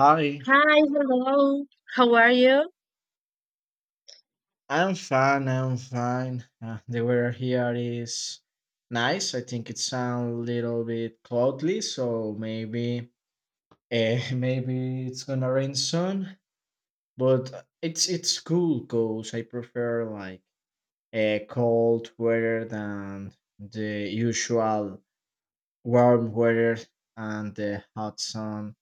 Hi, Hi, hello. How are you? I'm fine. The weather here is nice. I think it's a little bit cloudy, so maybe, maybe it's gonna rain soon. But it's cool because I prefer like a cold weather than the usual warm weather and the hot sun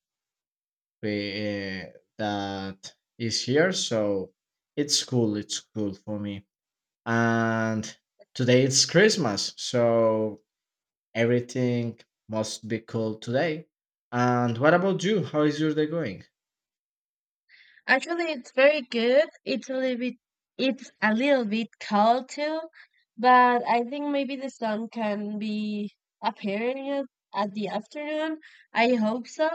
we, uh, that is here. So it's cool. It's cool for me. And today it's Christmas, so everything must be cool today. And what about you? How is your day going? Actually, it's very good. It's a little bit cold too, but I think maybe the sun can be appearing at the afternoon. I hope so.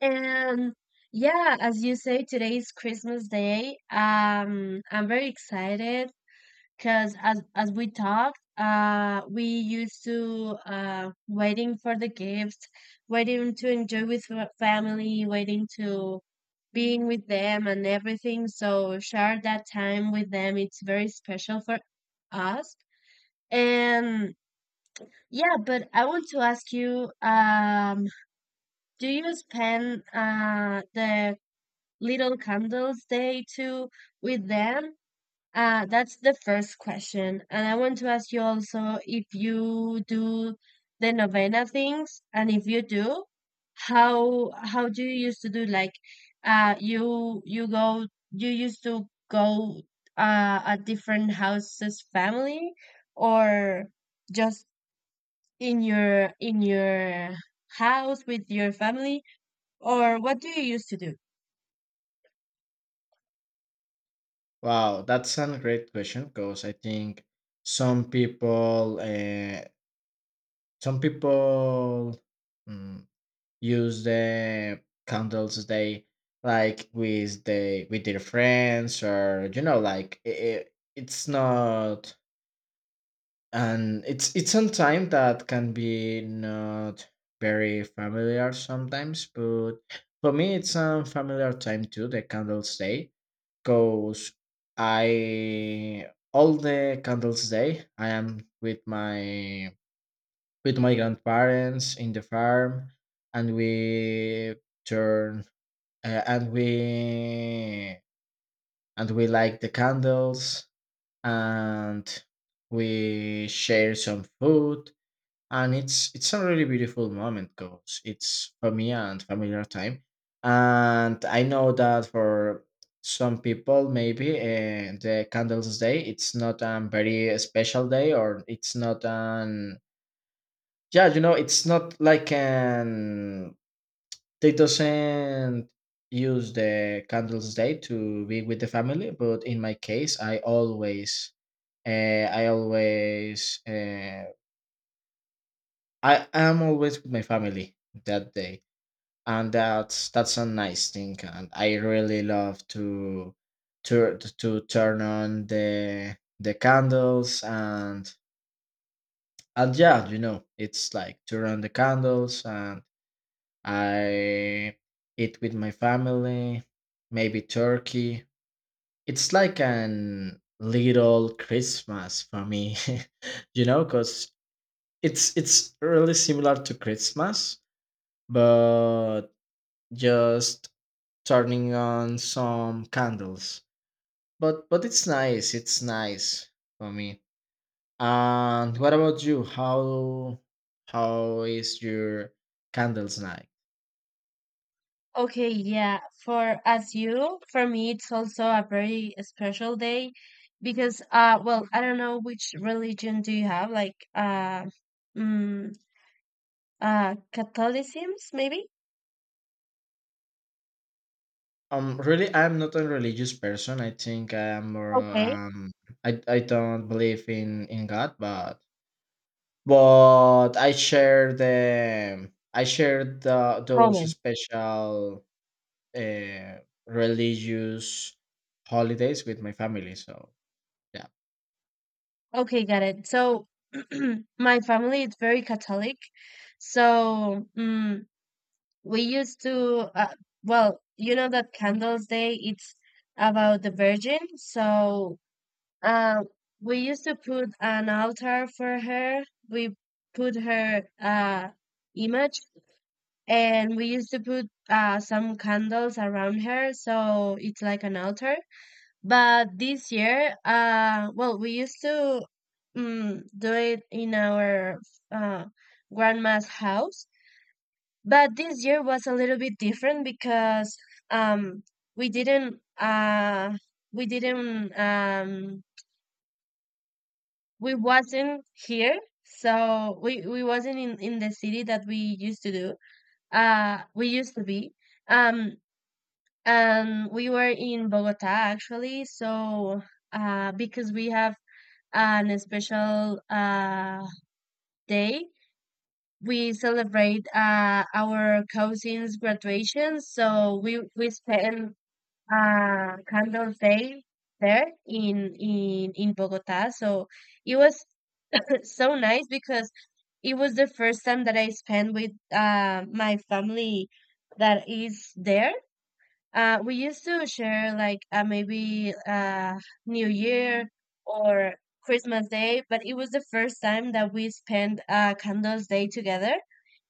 And yeah, as you say, today is Christmas Day. I'm very excited. Because as we talked, we used to waiting for the gifts, waiting to enjoy with family, waiting to being with them and everything. So share that time with them. It's very special for us. And yeah, but I want to ask you, do you spend the little candles day too with them? That's the first question. And I want to ask you also if you do the novena things, and if you do, how do you used to do like uh you you go you used to go at different houses family or just in your house with your family or what do you used to do? Wow, that's a great question because I think some people, uh, some people mm, use the candles day like with their friends or like it's not and it's on time that can be not very familiar sometimes, but for me it's a familiar time too, the candles day, because I all the candles day I am with my grandparents in the farm. And turn uh, and we we light the candles, and we share some food, and it's a really beautiful moment because it's for me and familiar time. And I know that for some people maybe the candles day, it's not a very special day, or it's not an yeah, it's not like an they doesn't use the candles day to be with the family. But in my case uh, i always uh, I am always with my family that day. And that's a nice thing, and I really love to to turn on the candles. And yeah, it's like turn on the candles and I eat with my family, maybe turkey. It's like an little Christmas for me because it's really similar to Christmas, but just turning on some candles. But it's nice. It's nice for me. And what about you? How is your candles night? Okay, yeah, for as you, for me, it's also a very special day because, well, I don't know which religion do you have, like, mm, Catholicism, maybe? Really, I'm not a religious person. I think I am more. Okay, I don't believe in God, but I share the those moment. special uh, religious holidays with my family. So yeah. Okay, got it. So, my family is very Catholic, so, we used to, well, you know that Candles Day, it's about the Virgin, so Uh, we used to put an altar for her. We put her image, and we used to put some candles around her, so it's like an altar. But this year, well, we used to do it in our uh, grandma's house. But this year was a little bit different because um, we didn't uh, we didn't um, we wasn't here so we wasn't in the city that we used to do we used to be um and we were in Bogota actually. So uh, because we have an special day, we celebrate uh, our cousin's graduation, so we spend uh, candles day there in in Bogota. So it was so nice because it was the first time that I spent with my family that is there. We used to share like maybe New Year or Christmas Day, but it was the first time that we spent Candles Day together.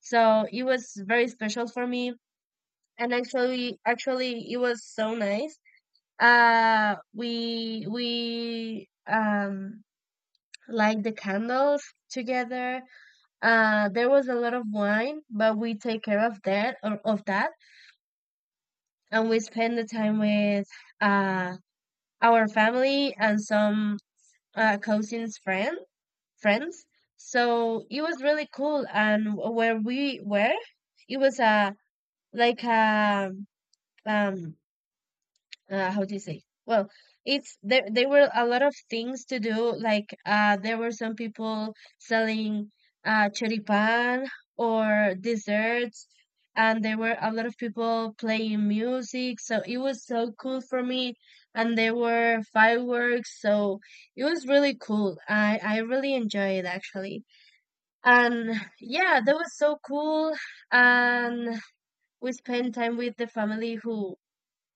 So it was very special for me, and actually, it was so nice. We light the candles together. Uh, there was a lot of wine, but we take care of that, and we spend the time with uh our family and some cousins' friend friends. So it was really cool, and where we were, it was a like a um how do you say? Well, it's there. There were a lot of things to do. Like there were some people selling choripan or desserts, and there were a lot of people playing music. So it was so cool for me. And there were fireworks, so it was really cool. I really enjoyed it actually. And yeah, that was so cool. And we spent time with the family who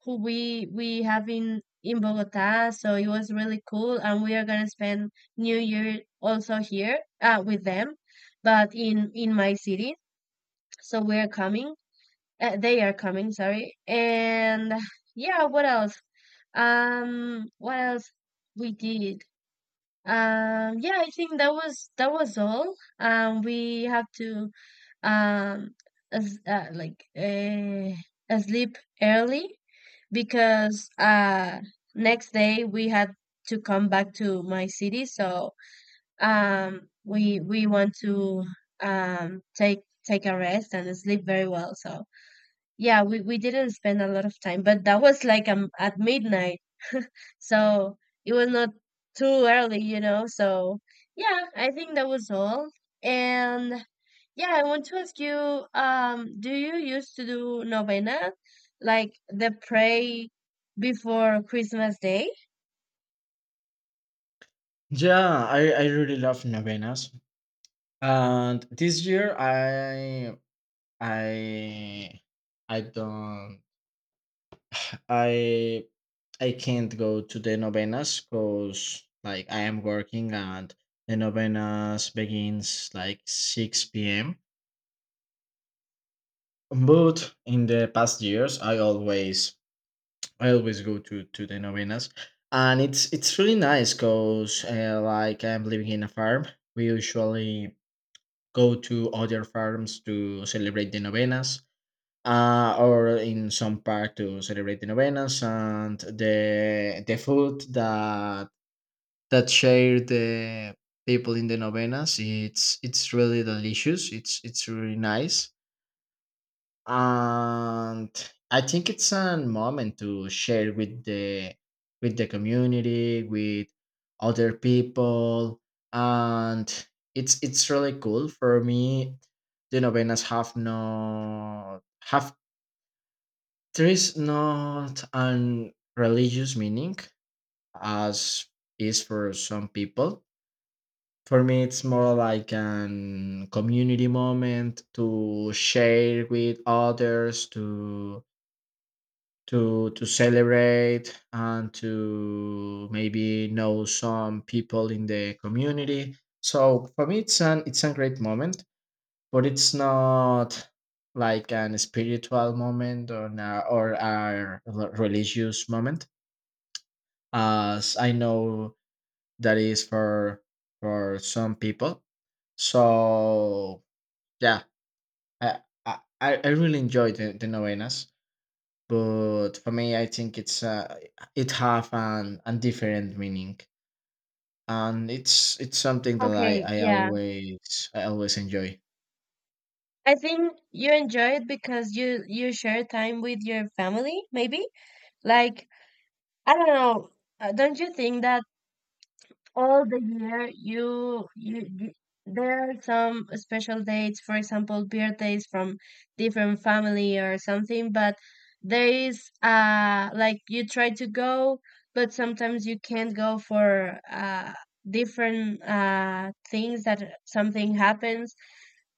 we have in Bogota. So it was really cool, and we are gonna spend New Year also here with them, but in my city. So we are coming. They are coming. Sorry. And yeah, what else? What else we did? Yeah, I think that was all. We have to um as like sleep early because next day we had to come back to my city. So we want to take a rest and sleep very well. So yeah, we didn't spend a lot of time, but that was like at midnight, so it was not too early, you know. So yeah, I think that was all. And yeah, I want to ask you, do you used to do novena, like the pray before Christmas Day? Yeah, I really love novenas. And this year I I don't I I can't go to the novenas because like I am working and the novenas begins like 6 p.m. But in the past years I always go to the novenas. And it's really nice because like I'm living in a farm. We usually go to other farms to celebrate the novenas, or in some park to celebrate the novenas. And the food that that share the people in the novenas, it's really delicious. It's really nice, and I think it's a moment to share with the community, with other people. And it's really cool for me. The novenas have no have there is not an religious meaning, as is for some people. For me it's more like an community moment to share with others, to to celebrate, and to maybe know some people in the community. So for me it's a great moment, but it's not like an spiritual moment or or a religious moment, as I know that is for some people. So yeah, i I really enjoy the novenas, but for me I think it's it have an different meaning, and it's something that i Okay, i yeah. always i always enjoy. I think you enjoy it because you share time with your family, maybe? Like, I don't know. Don't you think that all the year there are some special dates, for example birthdays from different family or something, but there is like you try to go, but sometimes you can't go for different things that something happens,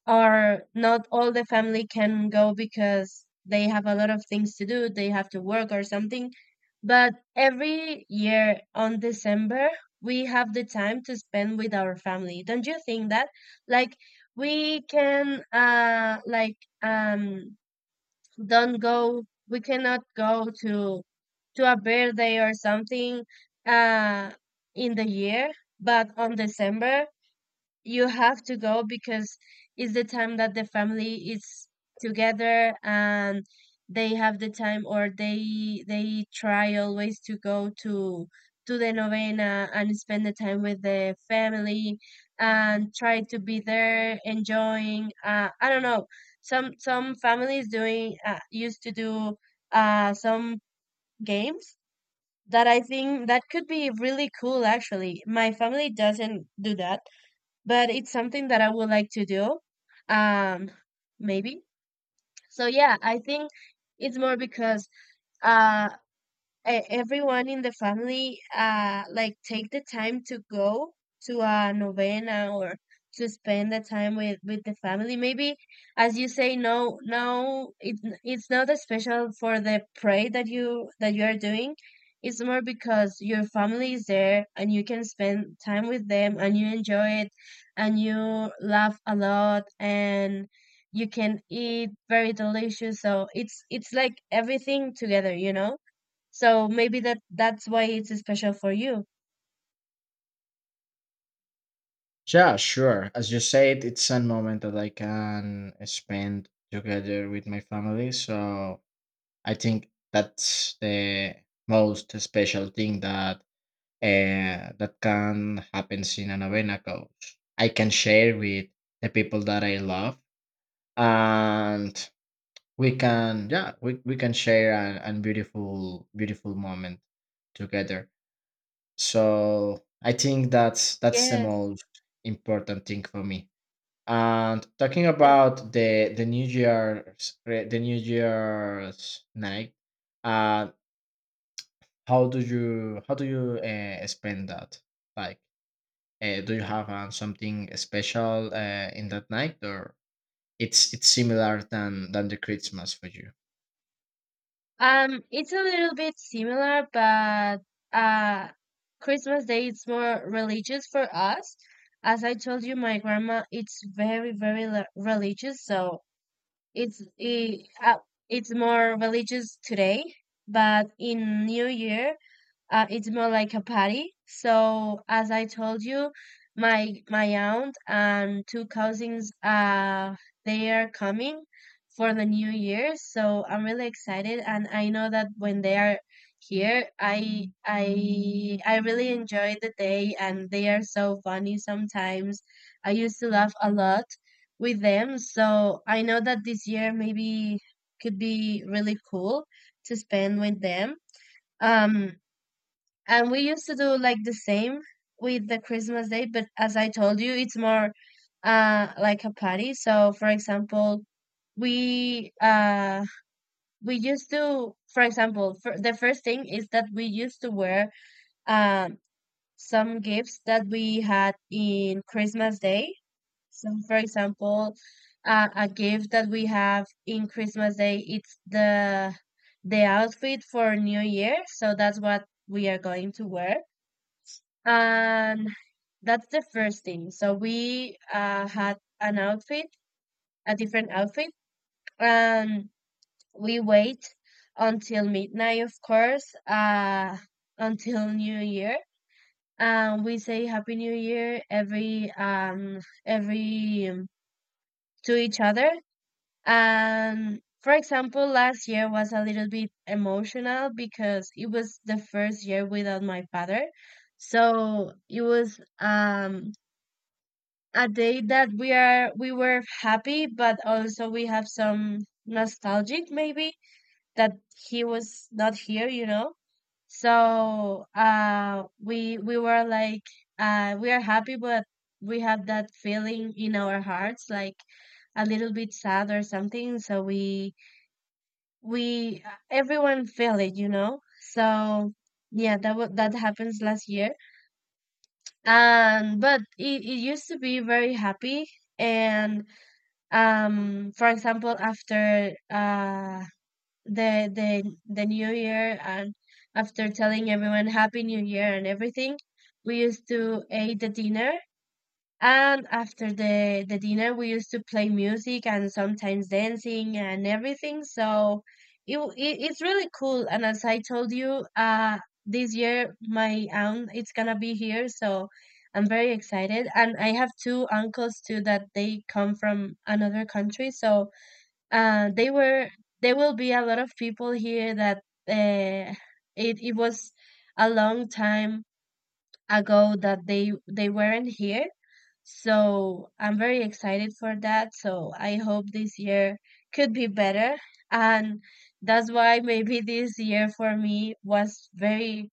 or not all the family can go because they have a lot of things to do, they have to work or something. But every year on December, we have the time to spend with our family. Don't you think that? Like we can uh like um don't go we cannot go to a birthday or something uh in the year, but on December you have to go because it's the time that the family is together, and they have the time, or they try always to go to the novena and spend the time with the family and try to be there enjoying. Uh, I don't know, some families doing used to do some games that I think that could be really cool. Actually, my family doesn't do that, but it's something that I would like to do. Um, maybe. So yeah, I think it's more because uh everyone in the family like take the time to go to a novena or to spend the time with the family, maybe. As you say, it's not as special for the pray that you are doing. It's more because your family is there and you can spend time with them and you enjoy it, and you laugh a lot, and you can eat very delicious. So it's like everything together, you know. So maybe that's why it's special for you. Yeah, sure, as you said, it's a moment that I can spend together with my family. So I think that's the most special thing that that can happen in a novena, cause I can share with the people that I love. And we can, yeah, we can share an beautiful moment together. So I think that's the Yes. most important thing for me. And talking that- about the New Year's night, uh how do you spend that? Like do you have something special in that night, or it's similar than the Christmas for you? It's a little bit similar, but uh, Christmas Day it's more religious for us. As I told you, my grandma it's very, religious. So It's it, uh, it's more religious today, but in New Year, it's more like a party. So as I told you, my aunt and two cousins they are coming for the new year. So I'm really excited, and I know that when they are here, I really enjoy the day, and they are so funny sometimes. I used to laugh a lot with them. So I know that this year maybe could be really cool to spend with them. Um, and we used to do like the same with the Christmas day, but as I told you, it's more like a party. So for example, we uh we used to, for example, for the first thing is that we used to wear um some gifts that we had in Christmas day. So, for example, a gift that we have in Christmas Day, it's the outfit for New Year. So that's what we are going to wear, and that's the first thing. So we had an outfit, a different outfit, and we wait until midnight, of course, until New Year. And we say Happy New Year every every um, to each other. And for example, last year was a little bit emotional because it was the first year without my father. So it was a day that we were happy, but also we have some nostalgic maybe that he was not here, you know. So we were like we are happy, but we have that feeling in our hearts, like a little bit sad or something. So we everyone feel it, you know. So yeah, that happens last year, and but it used to be very happy. And for example, after the New Year, and after telling everyone Happy New Year and everything, we used to eat the dinner, and after the dinner, we used to play music and sometimes dancing and everything. So it it's really cool. And as I told you, this year my aunt it's gonna be here, so I'm very excited. And I have two uncles too that they come from another country, so they were there will be a lot of people here that uh, it it was a long time ago that they weren't here. So I'm very excited for that. So I hope this year could be better. And that's why maybe this year for me was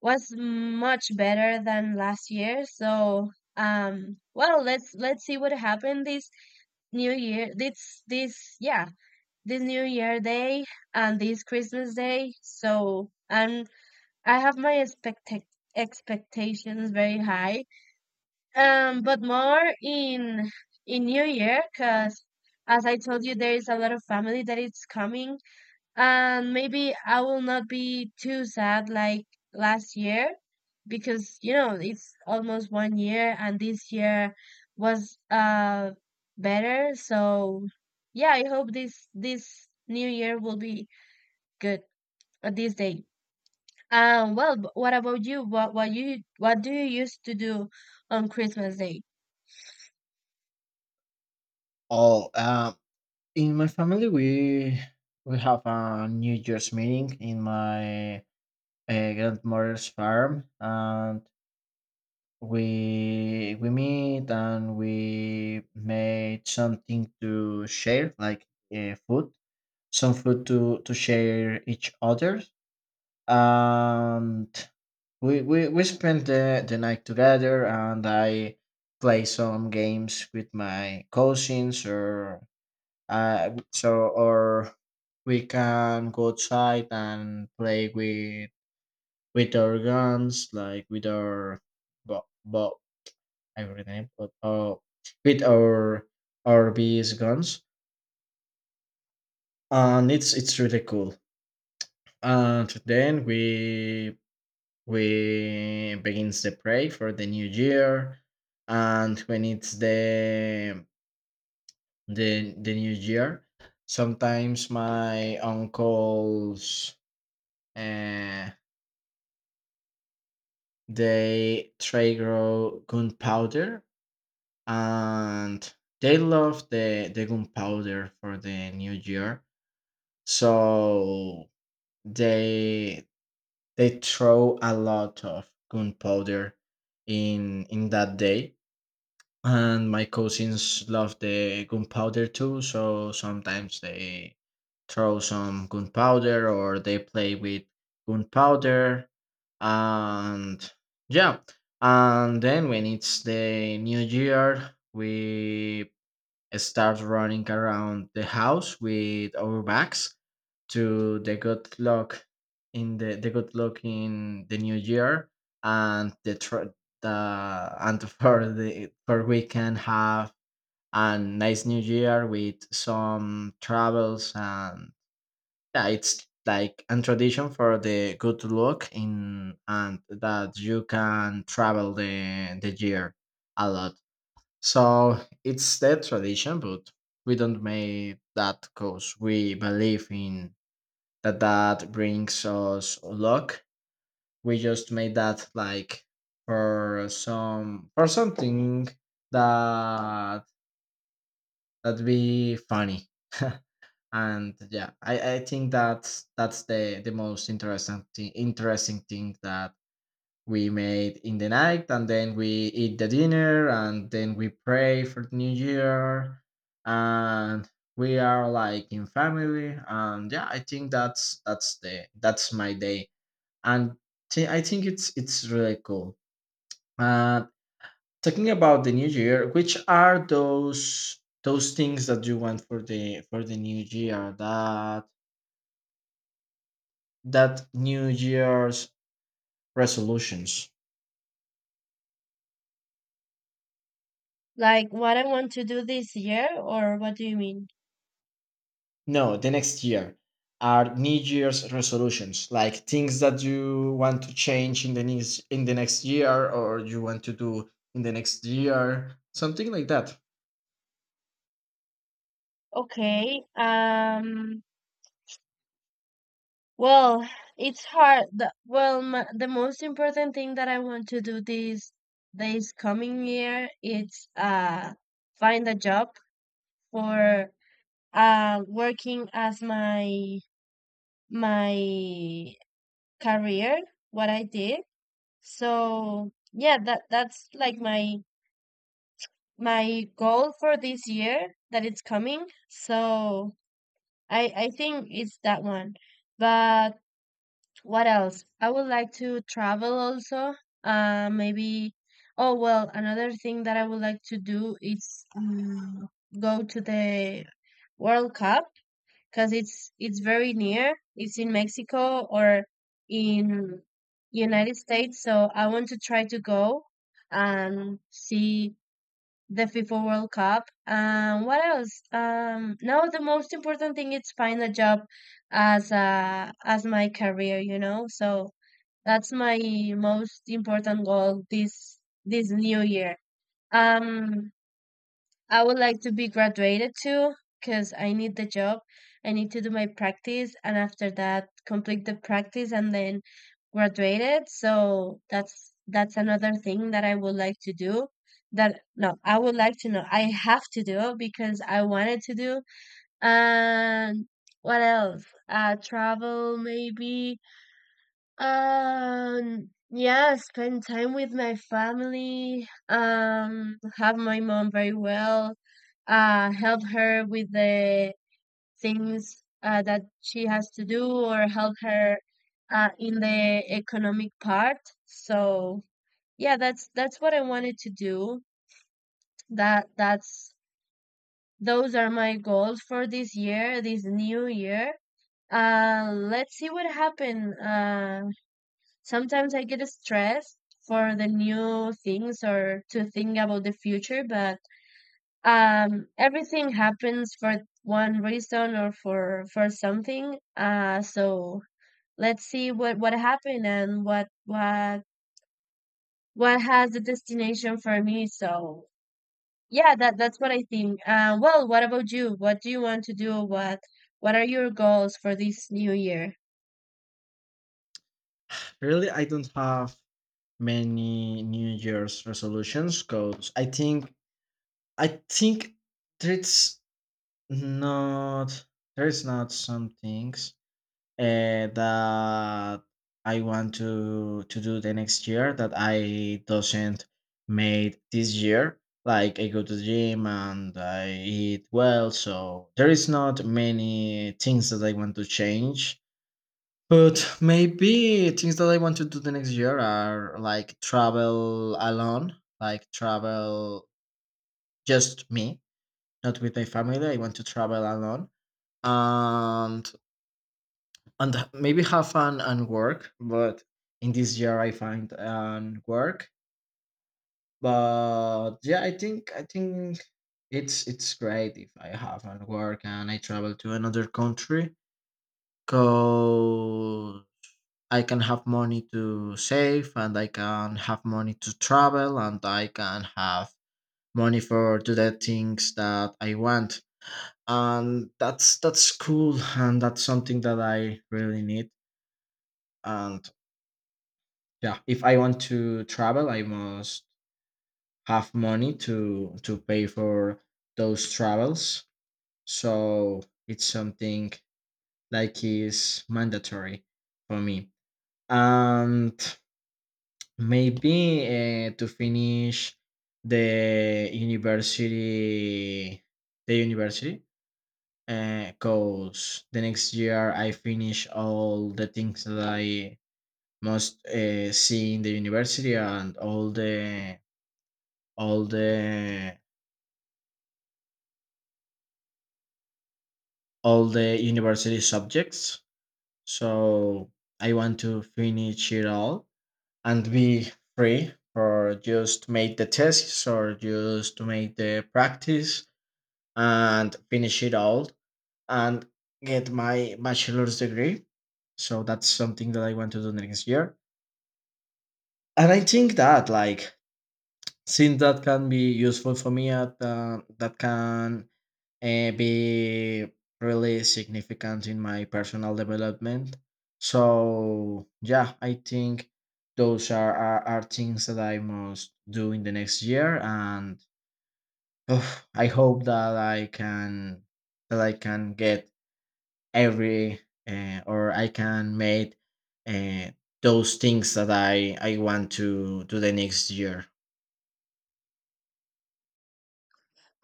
was much better than last year. So, well, let's see what happened this new year. This new year day and this Christmas day. So, and I have my expectations very high, but more in new year because as I told you there is a lot of family that is coming and maybe I will not be too sad like last year because it's almost one year and this year was better. So yeah, I hope this new year will be good. This day. Well, what about you? What do you used to do on Christmas day? Oh, in my family, we have a New Year's meeting in my grandmother's farm, and we meet and we made something to share, like food, some food to share each other. And we spent the night together, and I play some games with my cousins or so or we can go outside and play with our guns, like with our but I forget the name, but with our bees guns. And it's really cool. And then we begins the pray for the new year. And when it's the new year, sometimes my uncles, uh, they try grow gunpowder, and they love the gunpowder for the new year. So they they throw a lot of gunpowder in that day. And my cousins love the gunpowder too, so sometimes they throw some gunpowder or they play with gunpowder. And yeah, and then when it's the new year, we start running around the house with our backs to the good luck, in the good luck in the new year, and the tr- the and for the for we can have a nice new year with some travels. And yeah, it's like a tradition for the good luck in, and that you can travel the year a lot. So it's their tradition, but we don't make that because we believe in that that brings us luck. We just made that like for some for something that that be funny. And yeah, I think that's the most interesting interesting thing that we made in the night. And then we eat the dinner, and then we pray for the new year. And we are like in family, and yeah, I think that's the that's my day. And I think it's really cool. uh Talking about the new year, which are those things that you want for the new year, that that new year's resolutions? Like what I want to do this year, or what do you mean? No, the next year are New Year's resolutions, like things that you want to change in the next year, or you want to do in the next year, something like that. Okay. Well, it's hard. Well, the most important thing that I want to do this coming year is find a job for working as my career. What I did. So yeah, that's like my goal for this year that it's coming. So I think it's that one. But what else? I would like to travel also. Maybe. Oh well, another thing that I would like to do is go to the World Cup because it's very near. It's in Mexico or in United States, so I want to try to go and see the FIFA World Cup. What else? No, the most important thing is find a job as my career, So that's my most important goal this new year. Um, I would like to be graduated too, because I need the job. I need to do my practice and after that complete the practice and then graduate it. So that's another thing that I would like to do. That no, I would like to know. I have to do because I wanted to do. And what else? Travel maybe, yeah, spend time with my family, have my mom very well, help her with the things that she has to do, or help her in the economic part. So, yeah, that's what I wanted to do. That that's Those are my goals for this year, this new year. Let's see what happens. Sometimes I get stressed for the new things or to think about the future, but everything happens for one reason or for something. So let's see what happened and what has the destination for me. So yeah, that's what I think. Well, what about you? What do you want to do? What are your goals for this new year? Really, I don't have many New Year's resolutions because I think there's not there's not some things uh, that I want to do the next year, that I doesn't made this year. Like I go to the gym and I eat well, so there is not many things that I want to change. But maybe things that I want to do the next year are like travel alone, like travel just me, not with my family. I want to travel alone and maybe have fun and work. But in this year I find and work, but yeah, I think it's great if I have and work and I travel to another country, because I can have money to save, and I can have money to travel, and I can have money for do the things that I want. And that's cool, and that's something that I really need. And yeah, if I want to travel, I must have money to pay for those travels. So it's something like is mandatory for me. And maybe to finish the university the university, because the next year I finish all the things that I must see in the university, and all the all the all the university subjects. So I want to finish it all and be free, or just make the tests, or just to make the practice, and finish it all, and get my bachelor's degree. So that's something that I want to do next year. And I think that like since that can be useful for me at that can be really significant in my personal development. So yeah, I think those are things that I must do in the next year. And oof, I hope that I can get every or I can make uh, those things that I want to do the next year.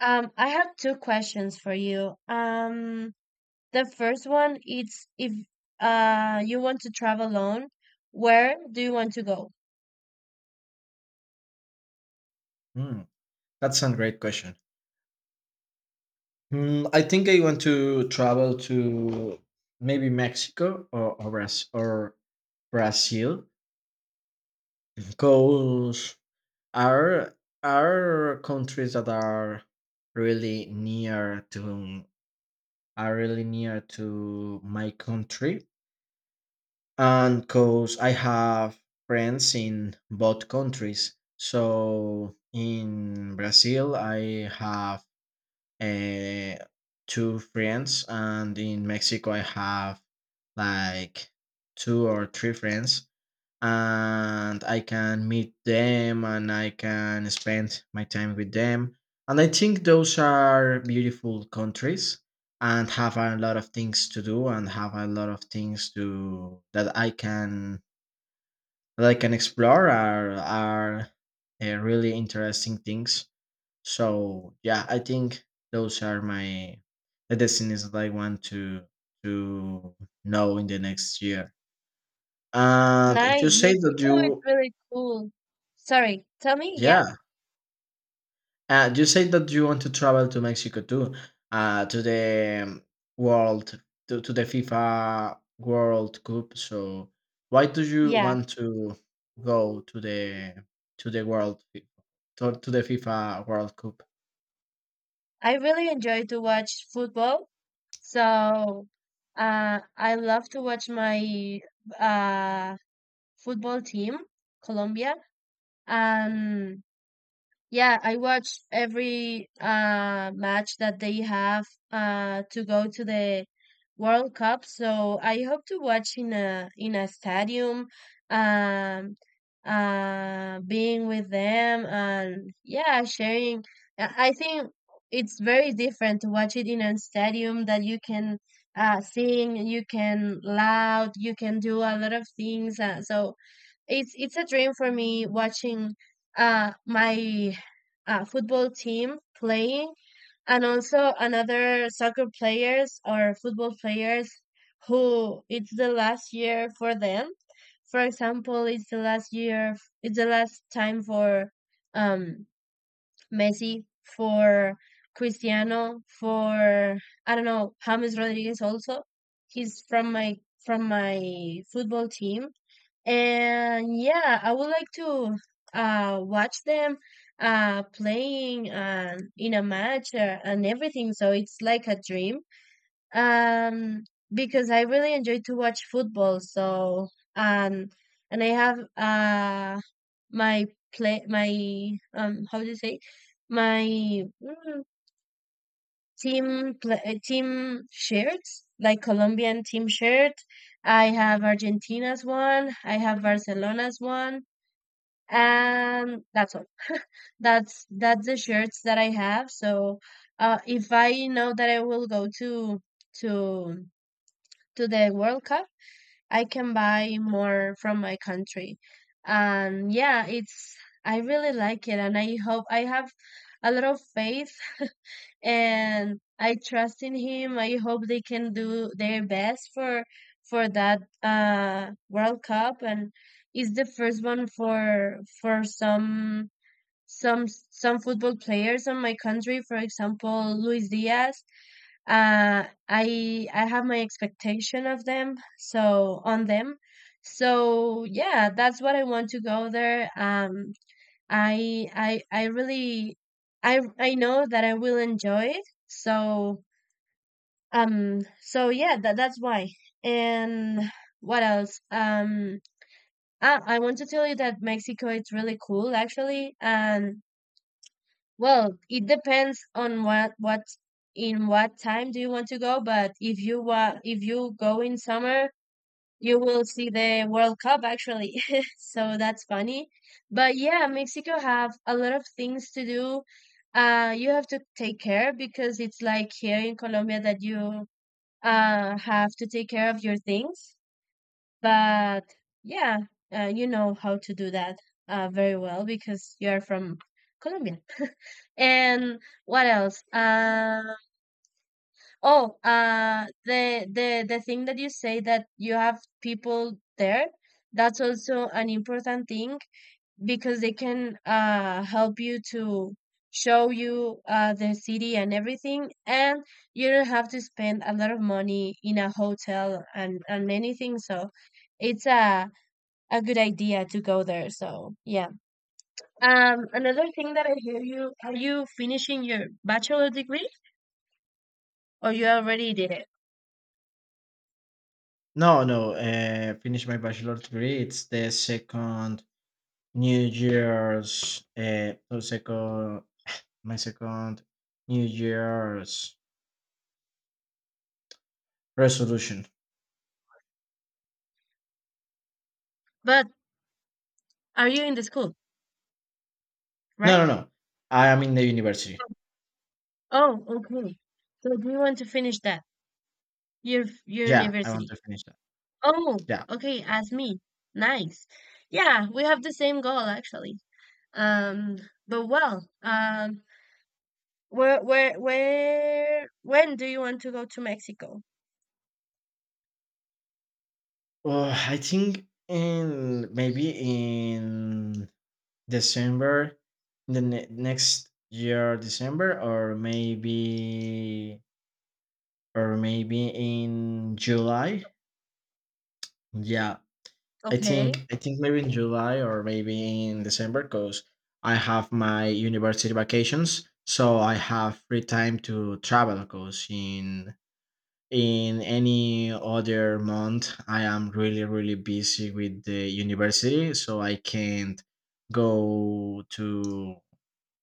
I have two questions for you. The first one is if you want to travel alone, where do you want to go? Hmm, that's a great question. I think I want to travel to maybe Mexico or Brazil, because are are countries that are really near to are really near to my country, and because I have friends in both countries. So in Brazil, I have uh, two friends, and in Mexico I have like two or three friends, and I can meet them, and I can spend my time with them. And I think those are beautiful countries, and have a lot of things to do, and have a lot of things to that I can explore, are really interesting things. So yeah, I think those are my the destinies that I want to know in the next year. And you Nice, say that Mexico is you really cool. Sorry, tell me, yeah? yeah, you say that you want to travel to Mexico too, to world the FIFA World Cup. So why do you Yeah. want to go to the world to the FIFA World Cup? I really enjoy to watch football. So I love to watch my uh football team, Colombia. And yeah, I watch every match that they have to go to the World Cup. So I hope to watch in a stadium, um, being with them, and yeah, sharing. I think it's very different to watch it in a stadium that you can sing, you can loud, you can do a lot of things. So it's a dream for me watching my a football team playing, and also another soccer players or football players who it's the last year for them. For example, it's the last time for um Messi, for Cristiano, for, I don't know, James Rodriguez also. He's from my football team. And yeah, I would like to watch them playing, in a match, and everything. So it's like a dream. Um, because I really enjoy to watch football. So um, and I have my play my how do you say, my, mm, team shirts, like Colombian team shirt. I have Argentina's one, I have Barcelona's one, and that's all. That's the shirts that I have. So if I know that I will go to to the world Cup, I can buy more from my country. And yeah, it's I really like it, and I hope I have a lot of faith. And I trust in him, I hope they can do their best for that World Cup. And it's the first one for some some football players on my country, for example Luis Diaz. uh, I have my expectation of them so on them. So yeah, that's what I want to go there. I really I know that I will enjoy it. So yeah, that's why. And what else? I want to tell you that Mexico is really cool actually. And well, it depends on what in what time do you want to go, but if you wa if you go in summer, you will see the World Cup actually. So that's funny. But yeah, Mexico have a lot of things to do. You have to take care because it's like here in Colombia, that you have to take care of your things. But yeah, you know how to do that very well, because you're from Colombia. And what else? Oh, the thing that you say that you have people there, that's also an important thing because they can help you to show you the city and everything, and you don't have to spend a lot of money in a hotel and anything. So it's a good idea to go there. So yeah. Another thing that I hear you, are you finishing your bachelor degree? Oh, you already did it. No, no. Finish my bachelor degree. It's the second New Year's. So second, my second New Year's resolution. But are you in the school, No, right? no, no. I am in the university. Oh, okay. So do you want to finish that? Your Yeah, I want university. to finish that. Oh, Yeah. okay, as me. Nice. Yeah, we have the same goal actually. Um, but well, where when do you want to go to Mexico? I think in maybe in December, the next year December, or maybe in July. Yeah, I Okay. think I think maybe in July, or maybe in December, because I have my university vacations, so I have free time to travel. Because in any other month, I am really really busy with the university, so I can't go to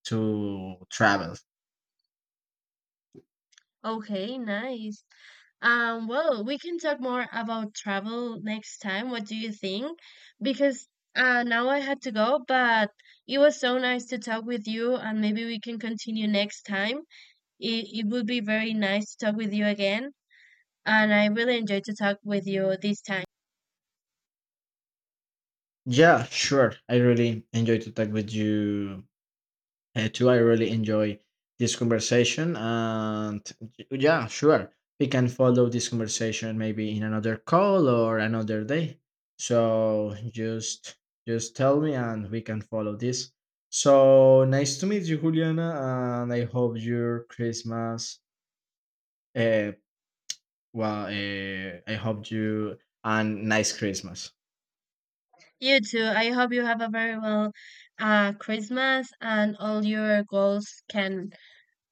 to travel. Okay, nice. Well, we can talk more about travel next time. What do you think? Because now I had to go, but it was so nice to talk with you, and maybe we can continue next time. It would be very nice to talk with you again, and I really enjoyed to talk with you this time. Yeah, sure. I really enjoy to talk with you. Too, I really enjoy this conversation. And yeah, sure. We can follow this conversation maybe in another call or another day. So just tell me, and we can follow this. So nice to meet you, Juliana, and I hope your Christmas, uh well, I hope you and nice Christmas. You too. I hope you have a very well Christmas and all your goals can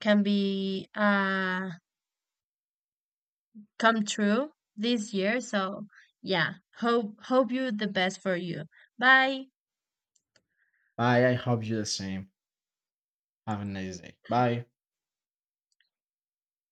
be come true this year. So yeah, hope you the best for you. Bye. Bye. I hope you the same. Have a nice day. Bye.